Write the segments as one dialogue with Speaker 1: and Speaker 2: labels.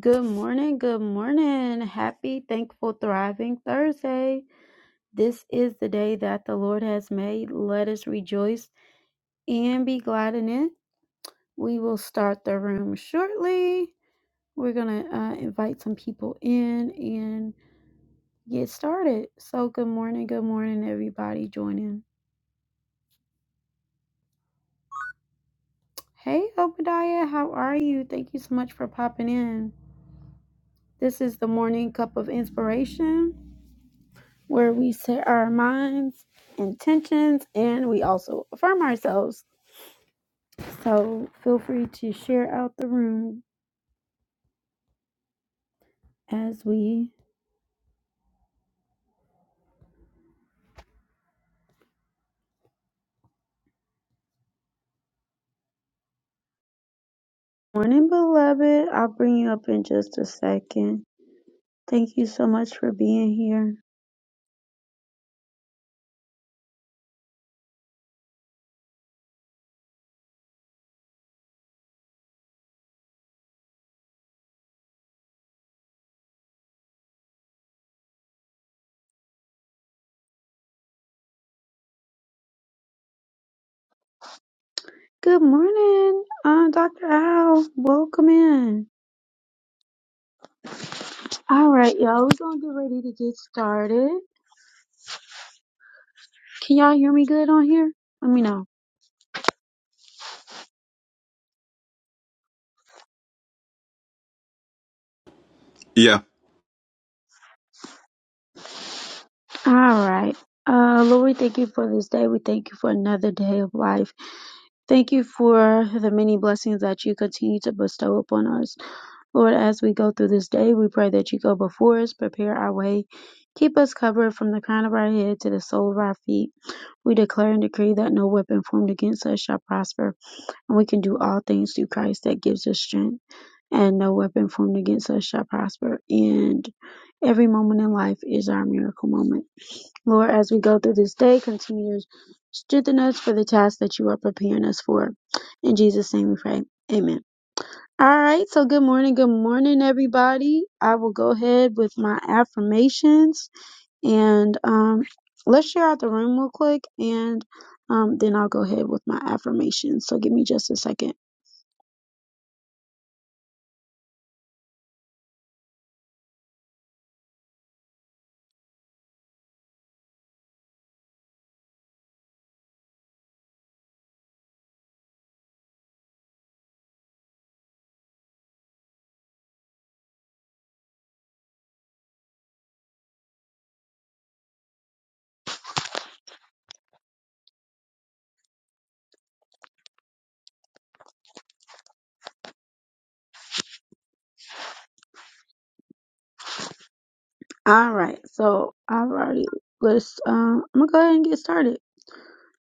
Speaker 1: Good morning, good morning. Happy, thankful, thriving Thursday. This is the day that the Lord has made. Let us rejoice and be glad in it. We will start the room shortly. We're going to uh, invite some people in and get started. So, good morning, good morning, everybody joining. Hey, Obadiah, how are you? Thank you so much for popping in. This is the morning cup of inspiration. where we set our minds, intentions, and we also affirm ourselves. So feel free to share out the room as we. Morning, beloved. I'll bring you up in just a second. Thank you so much for being here. Good morning, uh, Dr. Al. Welcome in. All right, y'all. We're going to get ready to get started. Can y'all hear me good on here? Let me know.
Speaker 2: Yeah.
Speaker 1: All right. Uh, Lord, we thank you for this day. We thank you for another day of life. Thank you for the many blessings that you continue to bestow upon us. Lord, as we go through this day, we pray that you go before us, prepare our way, keep us covered from the crown of our head to the sole of our feet. We declare and decree that no weapon formed against us shall prosper, and we can do all things through Christ that gives us strength, and no weapon formed against us shall prosper. And every moment in life is our miracle moment. Lord, as we go through this day, continue to strengthen us for the task that you are preparing us for. In Jesus' name we pray. Amen. All right. So good morning. Good morning, everybody. I will go ahead with my affirmations and um, let's share out the room real quick and um, then I'll go ahead with my affirmations. So give me just a second. All right. So I've already, let's, um, I'm going to go ahead and get started.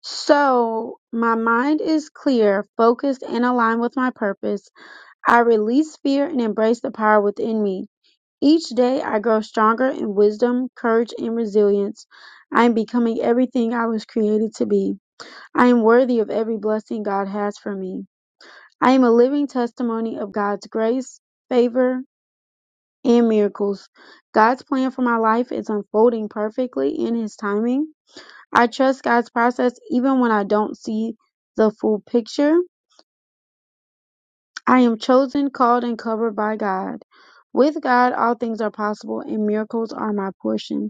Speaker 1: So, my mind is clear, focused, and aligned with my purpose. I release fear and embrace the power within me. Each day I grow stronger in wisdom, courage, and resilience. I am becoming everything I was created to be. I am worthy of every blessing God has for me. I am a living testimony of God's grace, favor, and miracles. God's plan for my life is unfolding perfectly in His timing. I trust God's process even when I don't see the full picture. I am chosen, called, and covered by God. With God, all things are possible, and miracles are my portion.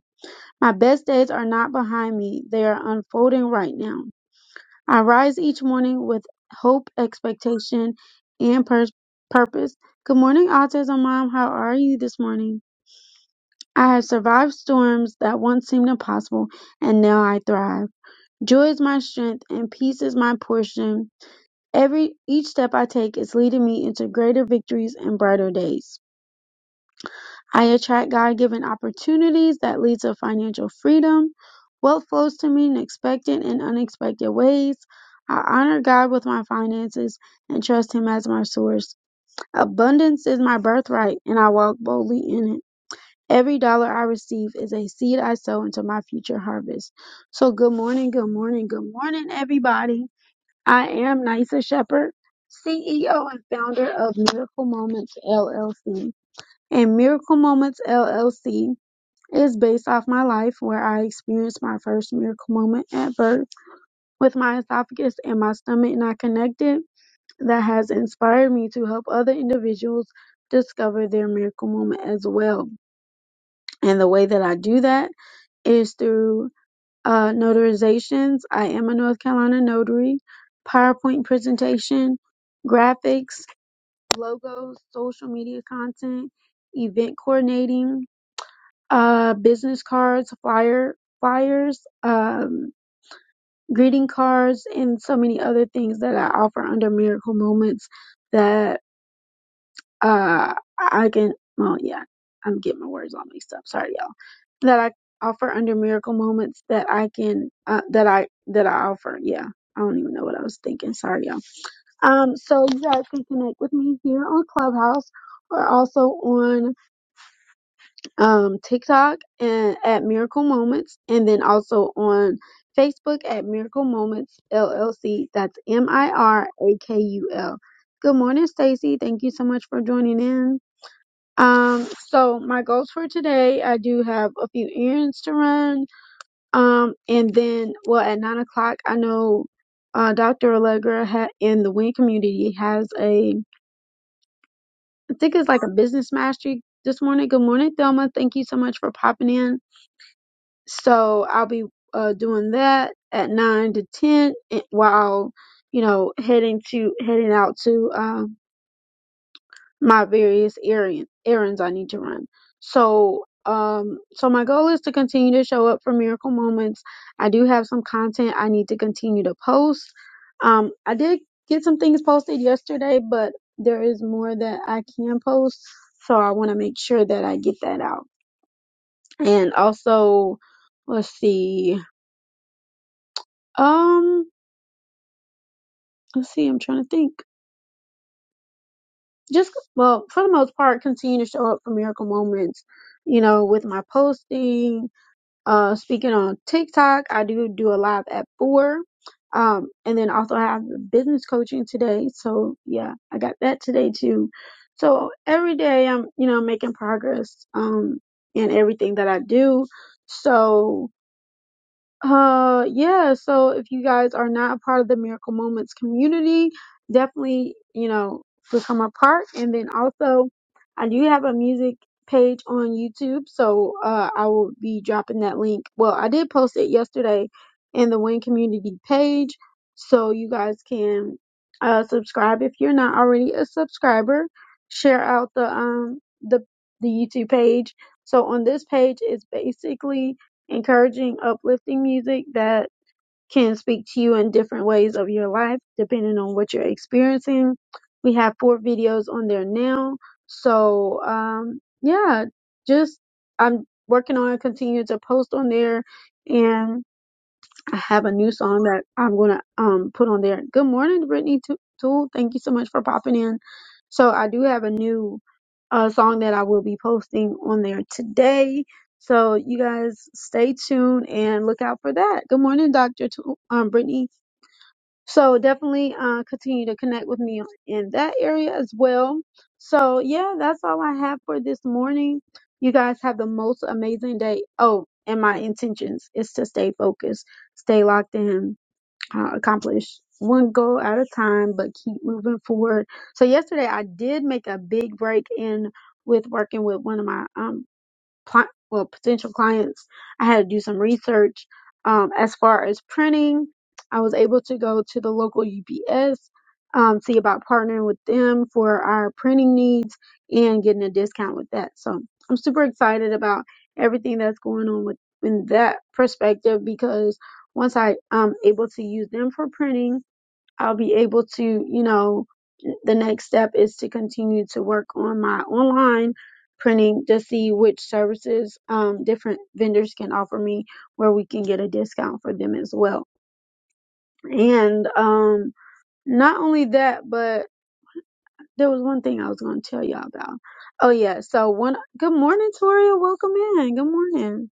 Speaker 1: My best days are not behind me, they are unfolding right now. I rise each morning with hope, expectation, and pur- purpose. Good morning, Autism Mom. How are you this morning? I have survived storms that once seemed impossible, and now I thrive. Joy is my strength, and peace is my portion. Every each step I take is leading me into greater victories and brighter days. I attract God-given opportunities that lead to financial freedom. Wealth flows to me in expected and unexpected ways. I honor God with my finances and trust Him as my source. Abundance is my birthright, and I walk boldly in it. Every dollar I receive is a seed I sow into my future harvest. So, good morning, good morning, good morning, everybody. I am Nysa Shepherd, CEO and founder of Miracle Moments LLC. And Miracle Moments LLC it is based off my life where I experienced my first miracle moment at birth with my esophagus and my stomach not connected that has inspired me to help other individuals discover their miracle moment as well. And the way that I do that is through uh, notarizations. I am a North Carolina notary, PowerPoint presentation, graphics, logos, social media content, event coordinating, uh, business cards, flyer flyers, um, greeting cards, and so many other things that I offer under Miracle Moments that uh, I can. Well, yeah, I'm getting my words all mixed up. Sorry, y'all. That I offer under Miracle Moments that I can uh, that I that I offer. Yeah. I don't even know what I was thinking. Sorry, y'all. Um, so you guys can connect with me here on Clubhouse or also on um, TikTok and at Miracle Moments, and then also on Facebook at Miracle Moments LLC. That's M I R A K U L. Good morning, Stacy. Thank you so much for joining in. Um, so my goals for today, I do have a few errands to run. Um, and then, well, at nine o'clock, I know uh, Dr. Allegra ha- in the Win community has a, I think it's like a business mastery this morning. Good morning, Thelma. Thank you so much for popping in So I'll be uh, doing that at nine to ten and- while you know heading to heading out to um, my various errands errands I need to run. So um so my goal is to continue to show up for miracle moments. I do have some content I need to continue to post. Um I did get some things posted yesterday, but there is more that I can post, so I want to make sure that I get that out. And also let's see Um, let's see, I'm trying to think. Just well, for the most part, continue to show up for miracle moments. You know, with my posting, uh, speaking on TikTok, I do do a live at four. Um, and then also I have the business coaching today. So yeah, I got that today too. So every day I'm, you know, making progress, um, in everything that I do. So, Uh, yeah. So if you guys are not a part of the Miracle Moments community, definitely, you know, become a part. And then also, I do have a music page on YouTube, so uh, I will be dropping that link. Well, I did post it yesterday in the Win Community page, so you guys can uh subscribe if you're not already a subscriber. Share out the um the the YouTube page. So on this page, it's basically encouraging, uplifting music that can speak to you in different ways of your life, depending on what you're experiencing. We have four videos on there now. So, um, yeah, just I'm working on continuing to post on there and I have a new song that I'm gonna um put on there. Good morning, Brittany Too. Tool. Thank you so much for popping in. So I do have a new uh song that I will be posting on there today. So you guys stay tuned and look out for that. Good morning, Doctor T- um Brittany. So definitely uh, continue to connect with me in that area as well. So yeah, that's all I have for this morning. You guys have the most amazing day. Oh, and my intentions is to stay focused, stay locked in, uh, accomplish one goal at a time, but keep moving forward. So yesterday I did make a big break in with working with one of my um, cli- well potential clients i had to do some research um, as far as printing i was able to go to the local ups um, see about partnering with them for our printing needs and getting a discount with that so i'm super excited about everything that's going on with in that perspective because once i um, able to use them for printing I'll be able to, you know, the next step is to continue to work on my online printing to see which services um, different vendors can offer me where we can get a discount for them as well. And um, not only that, but there was one thing I was going to tell y'all about. Oh yeah, so one good morning, Toria. Welcome in. Good morning.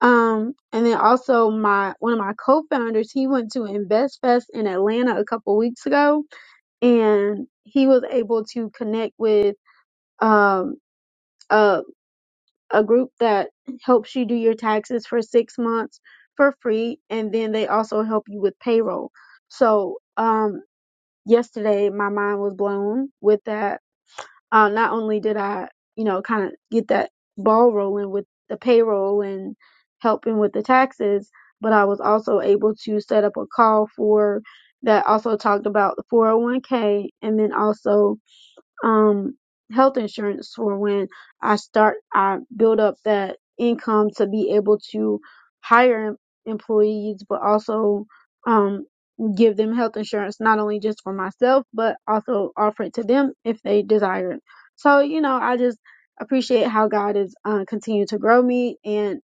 Speaker 1: Um, and then also my one of my co-founders, he went to Invest Fest in Atlanta a couple weeks ago and he was able to connect with um, a, a group that helps you do your taxes for six months for free and then they also help you with payroll so um, yesterday my mind was blown with that uh, not only did i you know kind of get that ball rolling with the payroll and helping with the taxes but i was also able to set up a call for that also talked about the 401k and then also um health insurance for when I start I build up that income to be able to hire em- employees but also um give them health insurance not only just for myself but also offer it to them if they desire it. So, you know, I just appreciate how God is uh, continued to grow me and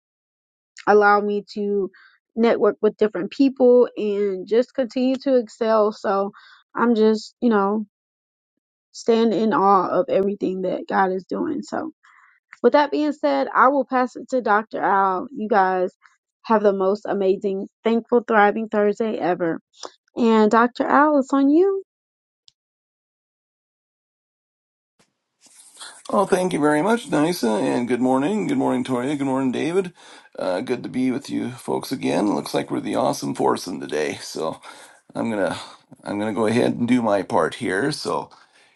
Speaker 1: allow me to network with different people and just continue to excel. So I'm just, you know, stand in awe of everything that God is doing. So, with that being said, I will pass it to Dr. Al. You guys have the most amazing, thankful, thriving Thursday ever. And Dr. Al, it's on you.
Speaker 3: Oh, thank you very much, Nisa, and good morning. Good morning, Toria. Good morning, David. Uh, good to be with you folks again. Looks like we're the awesome foursome today, so I'm gonna I'm gonna go ahead and do my part here. So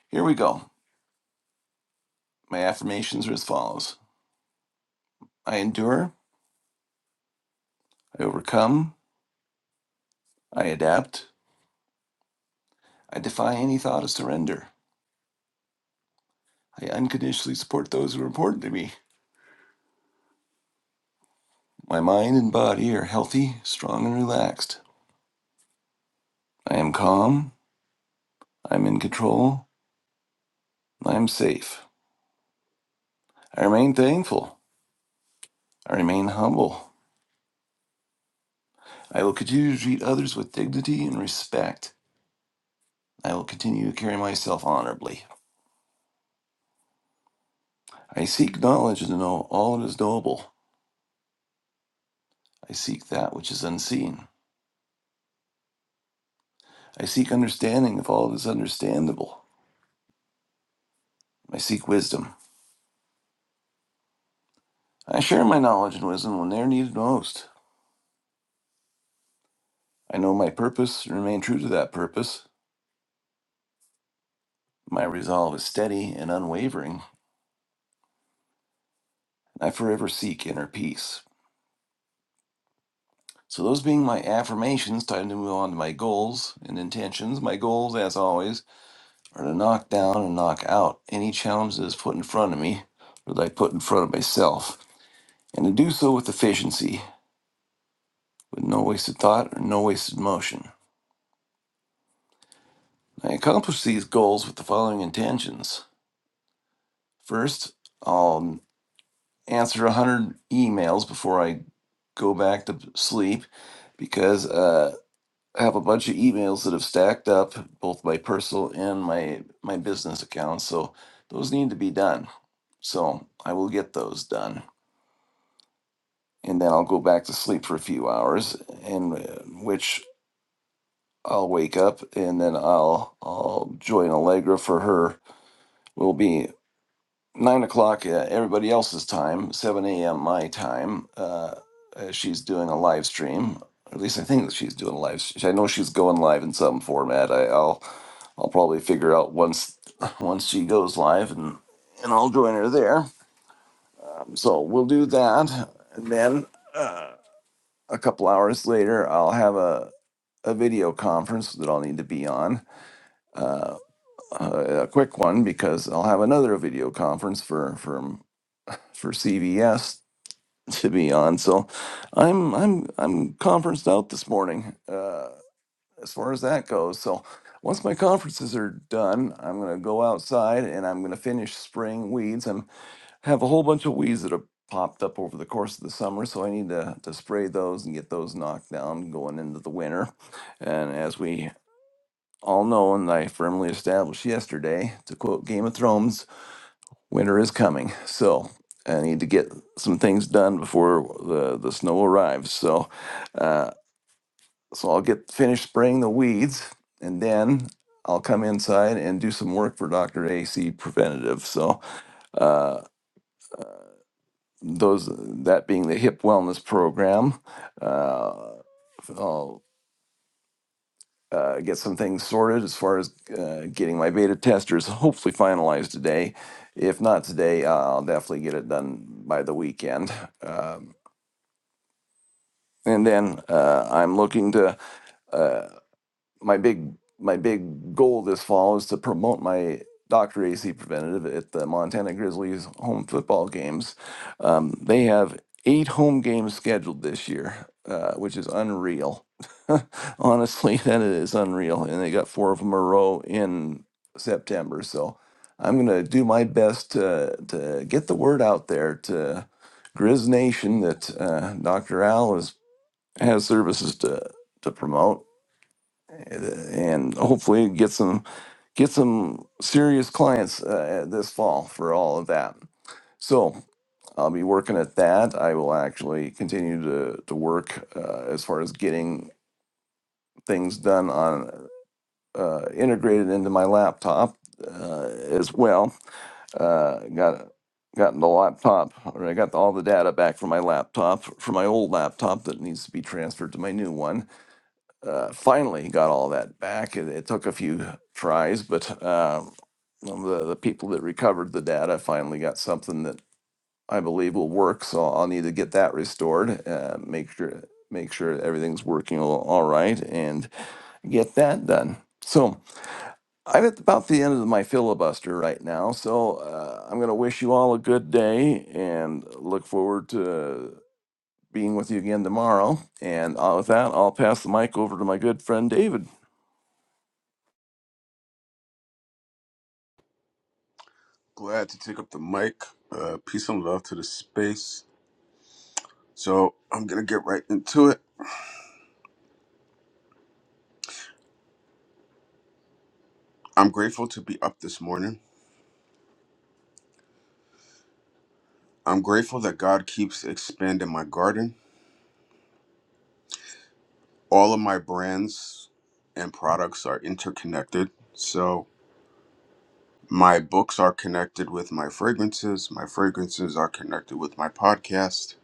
Speaker 3: here we go. My affirmations are as follows: I endure, I overcome, I adapt, I defy any thought of surrender. I unconditionally support those who are important to me. My mind and body are healthy, strong, and relaxed. I am calm. I'm in control. and I'm safe. I remain thankful. I remain humble. I will continue to treat others with dignity and respect. I will continue to carry myself honorably. I seek knowledge to know all that is knowable. I seek that which is unseen. I seek understanding of all that is understandable. I seek wisdom. I share my knowledge and wisdom when they are needed most. I know my purpose and remain true to that purpose. My resolve is steady and unwavering. I forever seek inner peace. So, those being my affirmations, time to move on to my goals and intentions. My goals, as always, are to knock down and knock out any challenge that is put in front of me or that I put in front of myself, and to do so with efficiency, with no wasted thought or no wasted motion. I accomplish these goals with the following intentions. First, I'll answer 100 emails before I go back to sleep because uh, I have a bunch of emails that have stacked up, both my personal and my my business accounts. So those need to be done. So I will get those done, and then I'll go back to sleep for a few hours, and uh, which I'll wake up, and then I'll I'll join Allegra for her. Will be nine o'clock uh, everybody else's time, seven a.m. my time. Uh, uh, she's doing a live stream. At least I think that she's doing a live. st- I know she's going live in some format. I, I'll I'll probably figure out once once she goes live, and and I'll join her there. So we'll do that, and then uh, a couple hours later, I'll have a a video conference that I'll need to be on, uh, a a quick one because I'll have another video conference for for for CVS to be on. So I'm I'm I'm conferenced out this morning. Uh, as far as that goes. So once my conferences are done, I'm going to go outside and I'm going to finish spraying weeds. I have a whole bunch of weeds that have popped up over the course of the summer, so I need to, to spray those and get those knocked down going into the winter. And as we all know, and I firmly established yesterday, to quote Game of Thrones, winter is coming. So I need to get some things done before the, the snow arrives. So, uh, so I'll get finished spraying the weeds and then I'll come inside and do some work for Dr. AC Preventative. So, uh, those that being the hip wellness program, uh, I'll uh, get some things sorted as far as uh, getting my beta testers hopefully finalized today. If not today, I'll definitely get it done by the weekend. Um, and then uh, I'm looking to. uh, my big my big goal this fall is to promote my Dr. AC Preventative at the Montana Grizzlies home football games. Um, they have eight home games scheduled this year, uh, which is unreal. Honestly, that is unreal, and they got four of them a row in September. So I'm gonna do my best to to get the word out there to Grizz Nation that uh, Dr. Al is has services to to promote and hopefully get some get some serious clients uh, this fall for all of that. So I'll be working at that. I will actually continue to to work uh, as far as getting things done on uh, integrated into my laptop uh, as well. Uh, got gotten the laptop or I got all the data back from my laptop from my old laptop that needs to be transferred to my new one uh, finally got all that back. It, it took a few tries, but um, um, the, the people that recovered the data finally got something that I believe will work. So I'll need to get that restored. Uh, make sure make sure everything's working all all right, and get that done. So I'm at about the end of my filibuster right now. So uh, I'm going to wish you all a good day and look forward to being with you again tomorrow. And uh, with that, I'll pass the mic over to my good friend David.
Speaker 2: Glad to take up the mic. Uh, peace and love to the space. So I'm gonna get right into it. I'm grateful to be up this morning. I'm grateful that God keeps expanding my garden. All of my brands and products are interconnected. So my books are connected with my fragrances. My fragrances are connected with my podcast.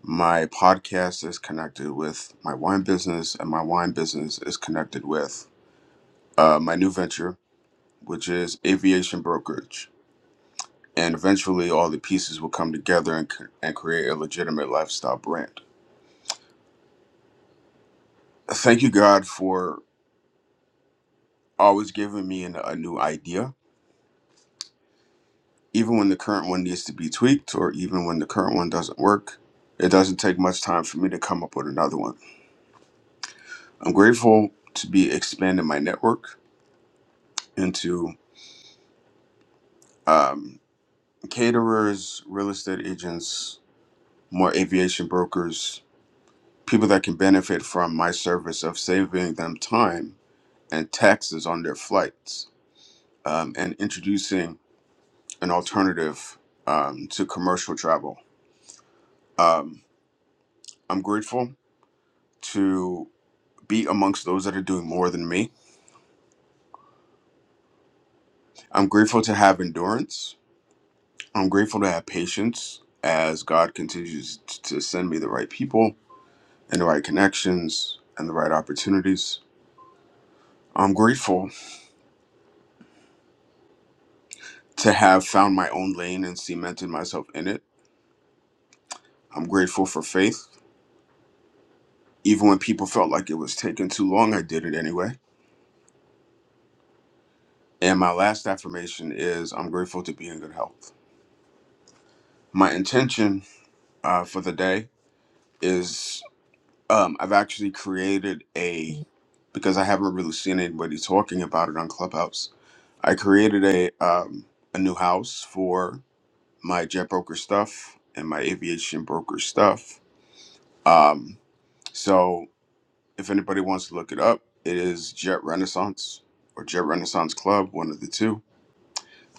Speaker 2: My podcast is connected with my wine business, and my wine business is connected with uh, my new venture which is aviation brokerage. And eventually, all the pieces will come together and, c- and create a legitimate lifestyle brand. Thank you, God, for always giving me an, a new idea, even when the current one needs to be tweaked or even when the current one doesn't work. It doesn't take much time for me to come up with another one. I'm grateful to be expanding my network into um, caterers, real estate agents, more aviation brokers, people that can benefit from my service of saving them time and taxes on their flights um, and introducing an alternative um, to commercial travel. Um, I'm grateful to be amongst those that are doing more than me. I'm grateful to have endurance. I'm grateful to have patience as God continues t- to send me the right people and the right connections and the right opportunities. I'm grateful to have found my own lane and cemented myself in it. I'm grateful for faith. Even when people felt like it was taking too long, I did it anyway. And my last affirmation is I'm grateful to be in good health. My intention uh, for the day is um, I've actually created a, because I haven't really seen anybody talking about it on Clubhouse, I created a, um, a new house for my jet broker stuff and my aviation broker stuff. Um, so If anybody wants to look it up, it is Jet Renaissance or Jet Renaissance Club, one of the two.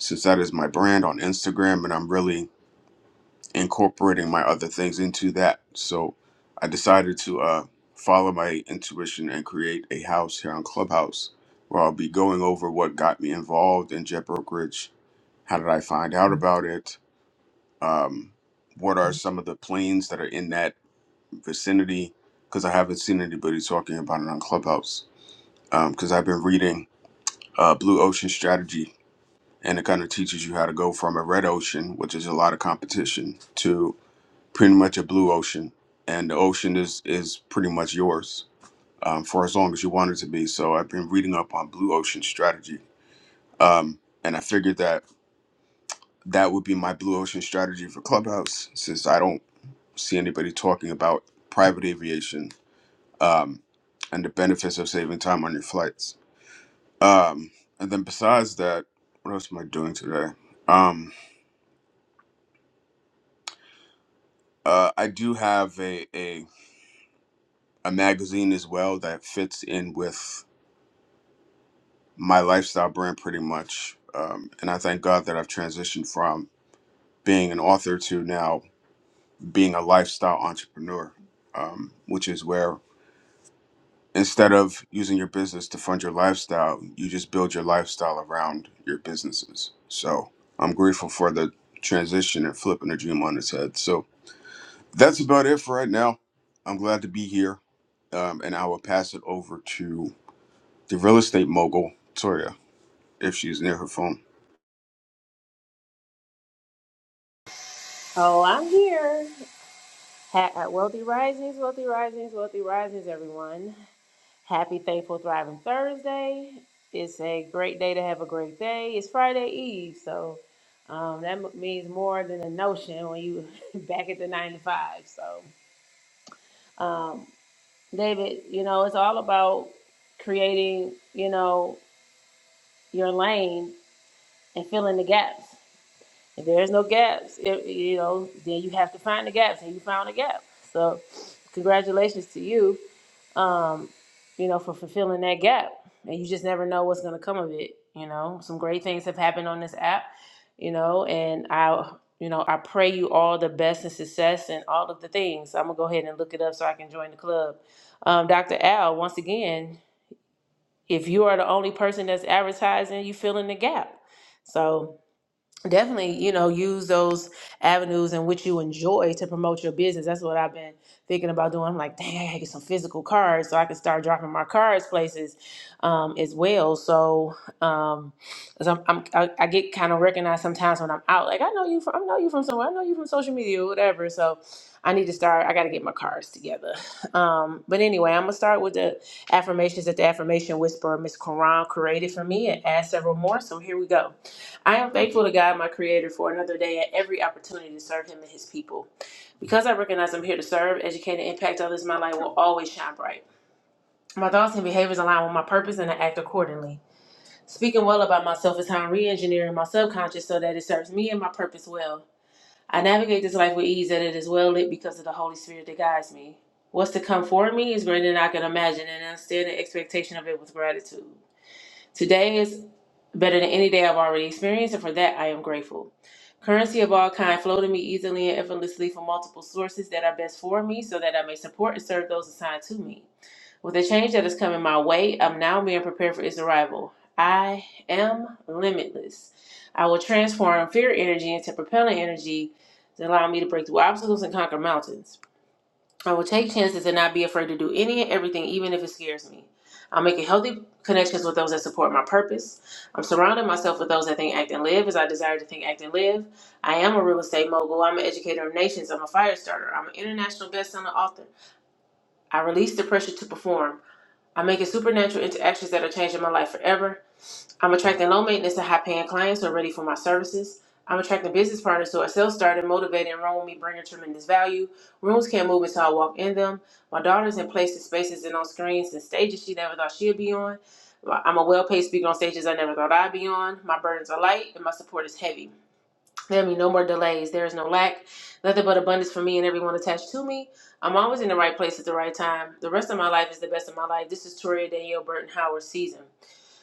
Speaker 2: Since that is my brand on Instagram, and I'm really incorporating my other things into that, so I decided to uh, follow my intuition and create a house here on Clubhouse where I'll be going over what got me involved in jet brokerage. How did I find out about it? Um, what are some of the planes that are in that vicinity? Because I haven't seen anybody talking about it on Clubhouse because I've been reading uh, Blue Ocean Strategy, and it kind of teaches you how to go from a red ocean, which is a lot of competition, to pretty much a blue ocean, and the ocean is is pretty much yours um, for as long as you want it to be. So I've been reading up on Blue Ocean Strategy, um, and I figured that that would be my Blue Ocean Strategy for Clubhouse, since I don't see anybody talking about private aviation um, and the benefits of saving time on your flights. Um, and then besides that, what else am I doing today? Um, uh, I do have a, a a magazine as well that fits in with my lifestyle brand pretty much. Um, and I thank God that I've transitioned from being an author to now being a lifestyle entrepreneur, um, which is where instead of using your business to fund your lifestyle, you just build your lifestyle around your businesses. So I'm grateful for the transition and flipping the dream on its head. So That's about it for right now. I'm glad to be here, um, and I will pass it over to the real estate mogul, Toria, if she's near her phone.
Speaker 4: Oh, I'm here. Ha- uh, wealthy Risings, Wealthy Risings, Wealthy Risings, everyone. Happy, thankful, thriving Thursday. It's a great day to have a great day. It's Friday Eve, so um, that m- means more than a notion when you back at the nine to five. So, um, David, you know, it's all about creating, you know, your lane and filling the gaps. If there's no gaps, it, you know, then you have to find the gaps, and you found a gap. So, congratulations to you, um, you know, for fulfilling that gap. And you just never know what's going to come of it. You know, some great things have happened on this app. You know, and I, you know, I pray you all the best and success and all of the things. I'm gonna go ahead and look it up so I can join the club. Um, Dr. Al, once again, if you are the only person that's advertising, you fill in the gap. So definitely you know use those avenues in which you enjoy to promote your business that's what i've been thinking about doing i'm like dang i gotta get some physical cards so i can start dropping my cards places um, as well so um 'cause I'm, I'm, I, I get kind of recognized sometimes when i'm out like i know you from i know you from somewhere i know you from social media or whatever so i need to start i gotta get my cards together um, but anyway i'm gonna start with the affirmations that the affirmation whisperer miss Quran created for me and add several more so here we go I am thankful to God, my Creator, for another day and every opportunity to serve Him and His people. Because I recognize I'm here to serve, educate, and impact others, my light will always shine bright. My thoughts and behaviors align with my purpose, and I act accordingly. Speaking well about myself is how I'm re engineering my subconscious so that it serves me and my purpose well. I navigate this life with ease, and it is well lit because of the Holy Spirit that guides me. What's to come for me is greater than I can imagine, and I stand in expectation of it with gratitude. Today is better than any day I've already experienced, and for that I am grateful. Currency of all kind flow to me easily and effortlessly from multiple sources that are best for me so that I may support and serve those assigned to me. With the change that is coming my way, I'm now being prepared for its arrival. I am limitless. I will transform fear energy into propelling energy to allow me to break through obstacles and conquer mountains. I will take chances and not be afraid to do any and everything, even if it scares me. I'm making healthy connections with those that support my purpose. I'm surrounding myself with those that think, act, and live as I desire to think, act, and live. I am a real estate mogul. I'm an educator of nations. I'm a fire starter. I'm an international best-selling author. I release the pressure to perform. I'm making supernatural interactions that are changing my life forever. I'm attracting low maintenance and high paying clients who are ready for my services. I'm attracting business partners who are self started, motivated, and run with me, bringing tremendous value. Rooms can't move until I walk in them. My daughter's in places, spaces, and on screens and stages she never thought she'd be on. Well, I'm a well paid speaker on stages I never thought I'd be on. My burdens are light and my support is heavy. There be no more delays. There is no lack, nothing but abundance for me and everyone attached to me. I'm always in the right place at the right time. The rest of my life is the best of my life. This is Toria Danielle Burton Howard season.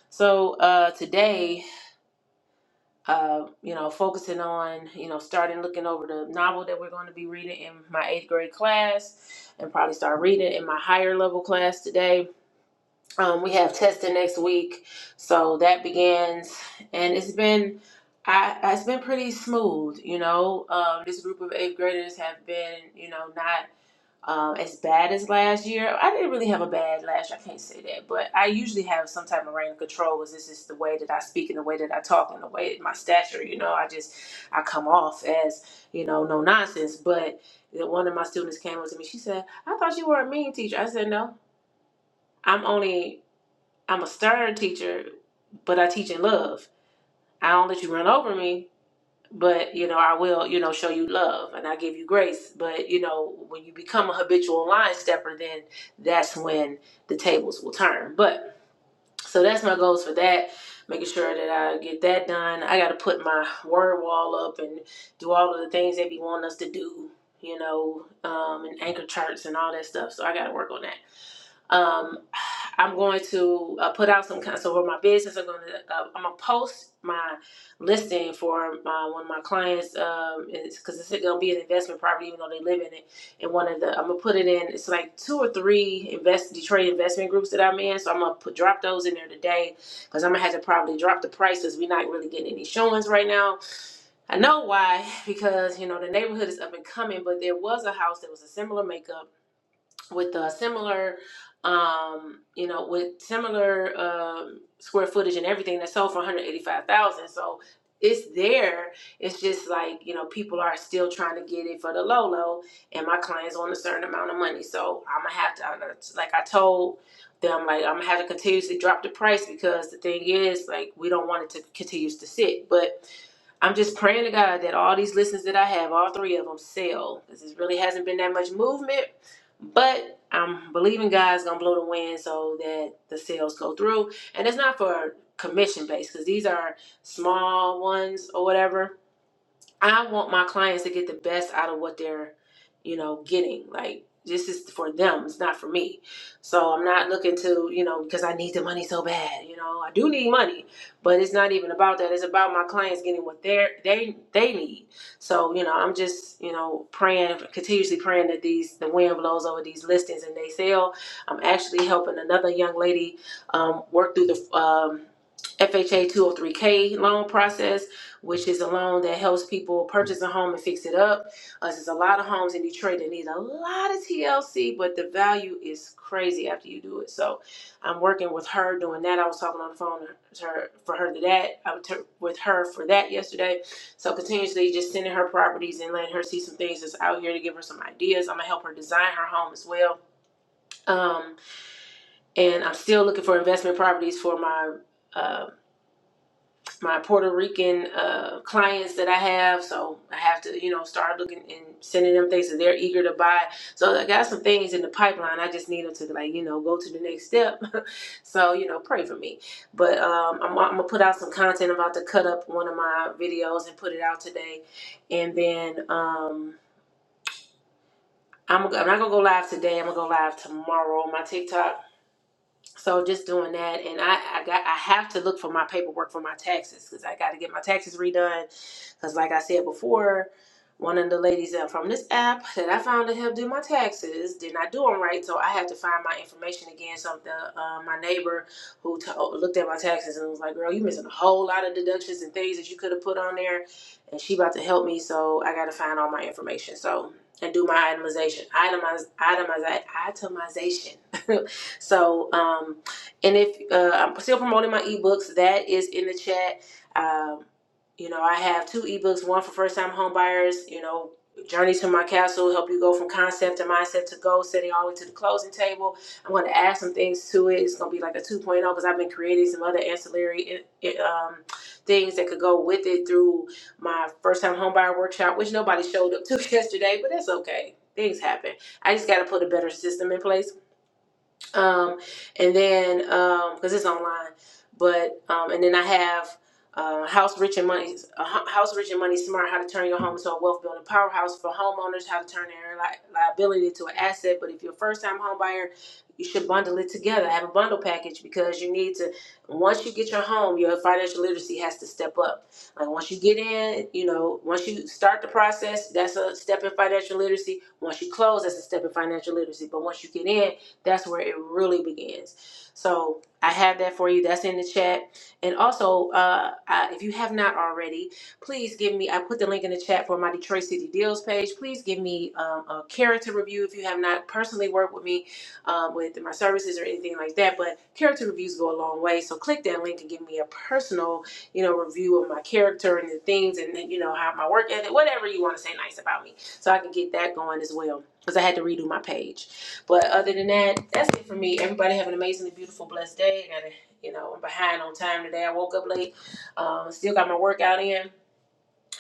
Speaker 4: So uh, today, uh, you know, focusing on you know starting looking over the novel that we're going to be reading in my eighth grade class, and probably start reading in my higher level class today um, we have testing next week, so that begins, and it's been, I, it's been pretty smooth. You know, um, this group of eighth graders have been, you know, not um, as bad as last year. I didn't really have a bad last year. I can't say that, but I usually have some type of reign of control. Is this is the way that I speak and the way that I talk and the way my stature? You know, I just, I come off as, you know, no nonsense. But one of my students came up to me. She said, "I thought you were a mean teacher." I said, "No, I'm only." I'm a stern teacher, but I teach in love. I don't let you run over me, but you know, I will, you know, show you love and I give you grace. But you know, when you become a habitual line stepper, then that's when the tables will turn. But so that's my goals for that. Making sure that I get that done. I got to put my word wall up and do all of the things they be wanting us to do, you know, um, and anchor charts and all that stuff. So I got to work on that um, I'm going to uh, put out some kind. So for my business, I'm going to uh, I'm gonna post my listing for my, one of my clients. Um, it's because it's going to be an investment property, even though they live in it. And one of the I'm gonna put it in. It's like two or three invest Detroit investment groups that I'm in. So I'm gonna put drop those in there today because I'm gonna have to probably drop the prices. We're not really getting any showings right now. I know why because you know the neighborhood is up and coming, but there was a house that was a similar makeup with a similar um you know with similar um square footage and everything that sold for 185,000 so it's there it's just like you know people are still trying to get it for the low low and my clients on a certain amount of money so I'm gonna have to I'm gonna- like I told them like I'm gonna have to continuously drop the price because the thing is like we don't want it to continue to sit but I'm just praying to God that all these listings that I have, all three of them, sell. Because it really hasn't been that much movement. But I'm believing God's gonna blow the wind so that the sales go through, and it's not for commission based because these are small ones or whatever I want my clients to get the best out of what they're, you know, getting. Like this is for them, it's not for me. So I'm not looking to, you know, because I need the money so bad. You know, I do need money, but it's not even about that. It's about my clients getting what they they they need. So you know, I'm just you know praying continuously praying that these the wind blows over these listings and they sell. I'm actually helping another young lady um, work through the. Um, FHA 203K loan process which is a loan that helps people purchase a home and fix it up. Uh, there's a lot of homes in Detroit that need a lot of TLC, but the value is crazy after you do it. So I'm working with her doing that. I was talking on the phone to her for her to that. I was ter- with her for that yesterday. So continuously just sending her properties and letting her see some things that's out here to give her some ideas. I'm gonna help her design her home as well. Um, and I'm still looking for investment properties for my. uh, my Puerto Rican uh, clients that I have, so I have to, you know, start looking and sending them things that they're eager to buy. So I got some things in the pipeline. I just need them to, like, you know, go to the next step. so you know, pray for me. But um, I'm, I'm gonna put out some content. I'm about to cut up one of my videos and put it out today, and then um, I'm, I'm not gonna go live today. I'm gonna go live tomorrow on my TikTok so just doing that, and I, I got I have to look for my paperwork for my taxes because I got to get my taxes redone. Because like I said before, one of the ladies uh, from this app that I found to help do my taxes did not do them right, so I had to find my information again. So the, uh, my neighbor who t- looked at my taxes and was like, "Girl, you missing a whole lot of deductions and things that you could have put on there," and she about to help me, so I got to find all my information. So and do my itemization, itemize, itemize, itemization. So, um, and if uh, I'm still promoting my ebooks, that is in the chat. Um, you know, I have two ebooks, one for first time homebuyers, you know, Journey to My Castle, help you go from concept to mindset to goal setting all the way to the closing table. I'm going to add some things to it. It's going to be like a 2.0 because I've been creating some other ancillary eh, eh, um, things that could go with it through my first time homebuyer workshop, which nobody showed up to yesterday, but that's okay. Things happen. I just got to put a better system in place um, and then because it's online, but um, and then I have uh, House Rich and Money, uh, Ho- House Rich and Money Smart: How to Turn Your Home into a Wealth Building Powerhouse for Homeowners, How to Turn Their li- Liability into an Asset. But if you're a first-time home buyer, you should bundle it together. Have a bundle package because you need to. Once you get your home, your financial literacy has to step up. Like once you get in, you know, once you start the process, that's a step in financial literacy. Once you close, that's a step in financial literacy. But once you get in that's where it really begins. So I have that for you. That's in the chat. And also, uh, I, if you have not already, please give me. I put the link in the chat for my Detroit City Deals page. Please give me um, a character review if you have not personally worked with me um, with my services or anything like that. But character reviews go a long way. So click that link and give me a personal, you know, review of my character and the things and you know how my work ethic, whatever you want to say nice about me, so I can get that going as well. Because I had to redo my page. But other than that, that's it for me. Everybody have an amazingly beautiful, blessed day. I gotta, you know, I'm behind on time today. I woke up late. Um, still got my workout in,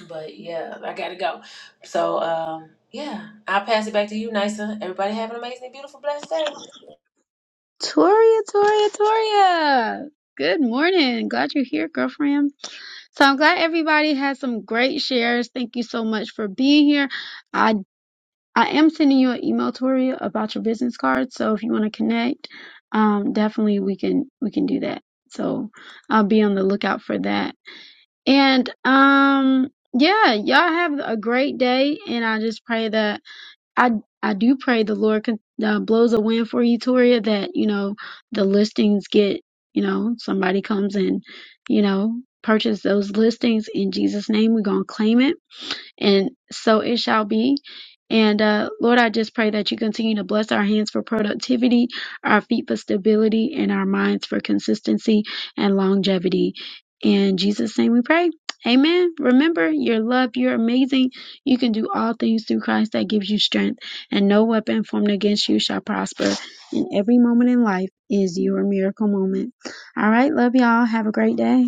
Speaker 4: but yeah, I gotta go. So um, yeah, I'll pass it back to you, Nisa. Everybody have an amazingly beautiful, blessed day.
Speaker 1: Toria, Toria, Toria. Good morning. Glad you're here, girlfriend. So I'm glad everybody had some great shares. Thank you so much for being here. I I am sending you an email, Toria, about your business card. So if you want to connect, um, definitely we can we can do that. So I'll be on the lookout for that. And um, yeah, y'all have a great day. And I just pray that I I do pray the Lord con- uh, blows a wind for you, Toria. That you know the listings get you know somebody comes and you know purchase those listings in Jesus' name. We're gonna claim it and so it shall be. And uh, Lord, I just pray that you continue to bless our hands for productivity, our feet for stability, and our minds for consistency and longevity. In Jesus' name we pray. Amen. Remember, you're loved, you're amazing. You can do all things through Christ that gives you strength, and no weapon formed against you shall prosper. And every moment in life is your miracle moment. All right, love y'all. Have a great day.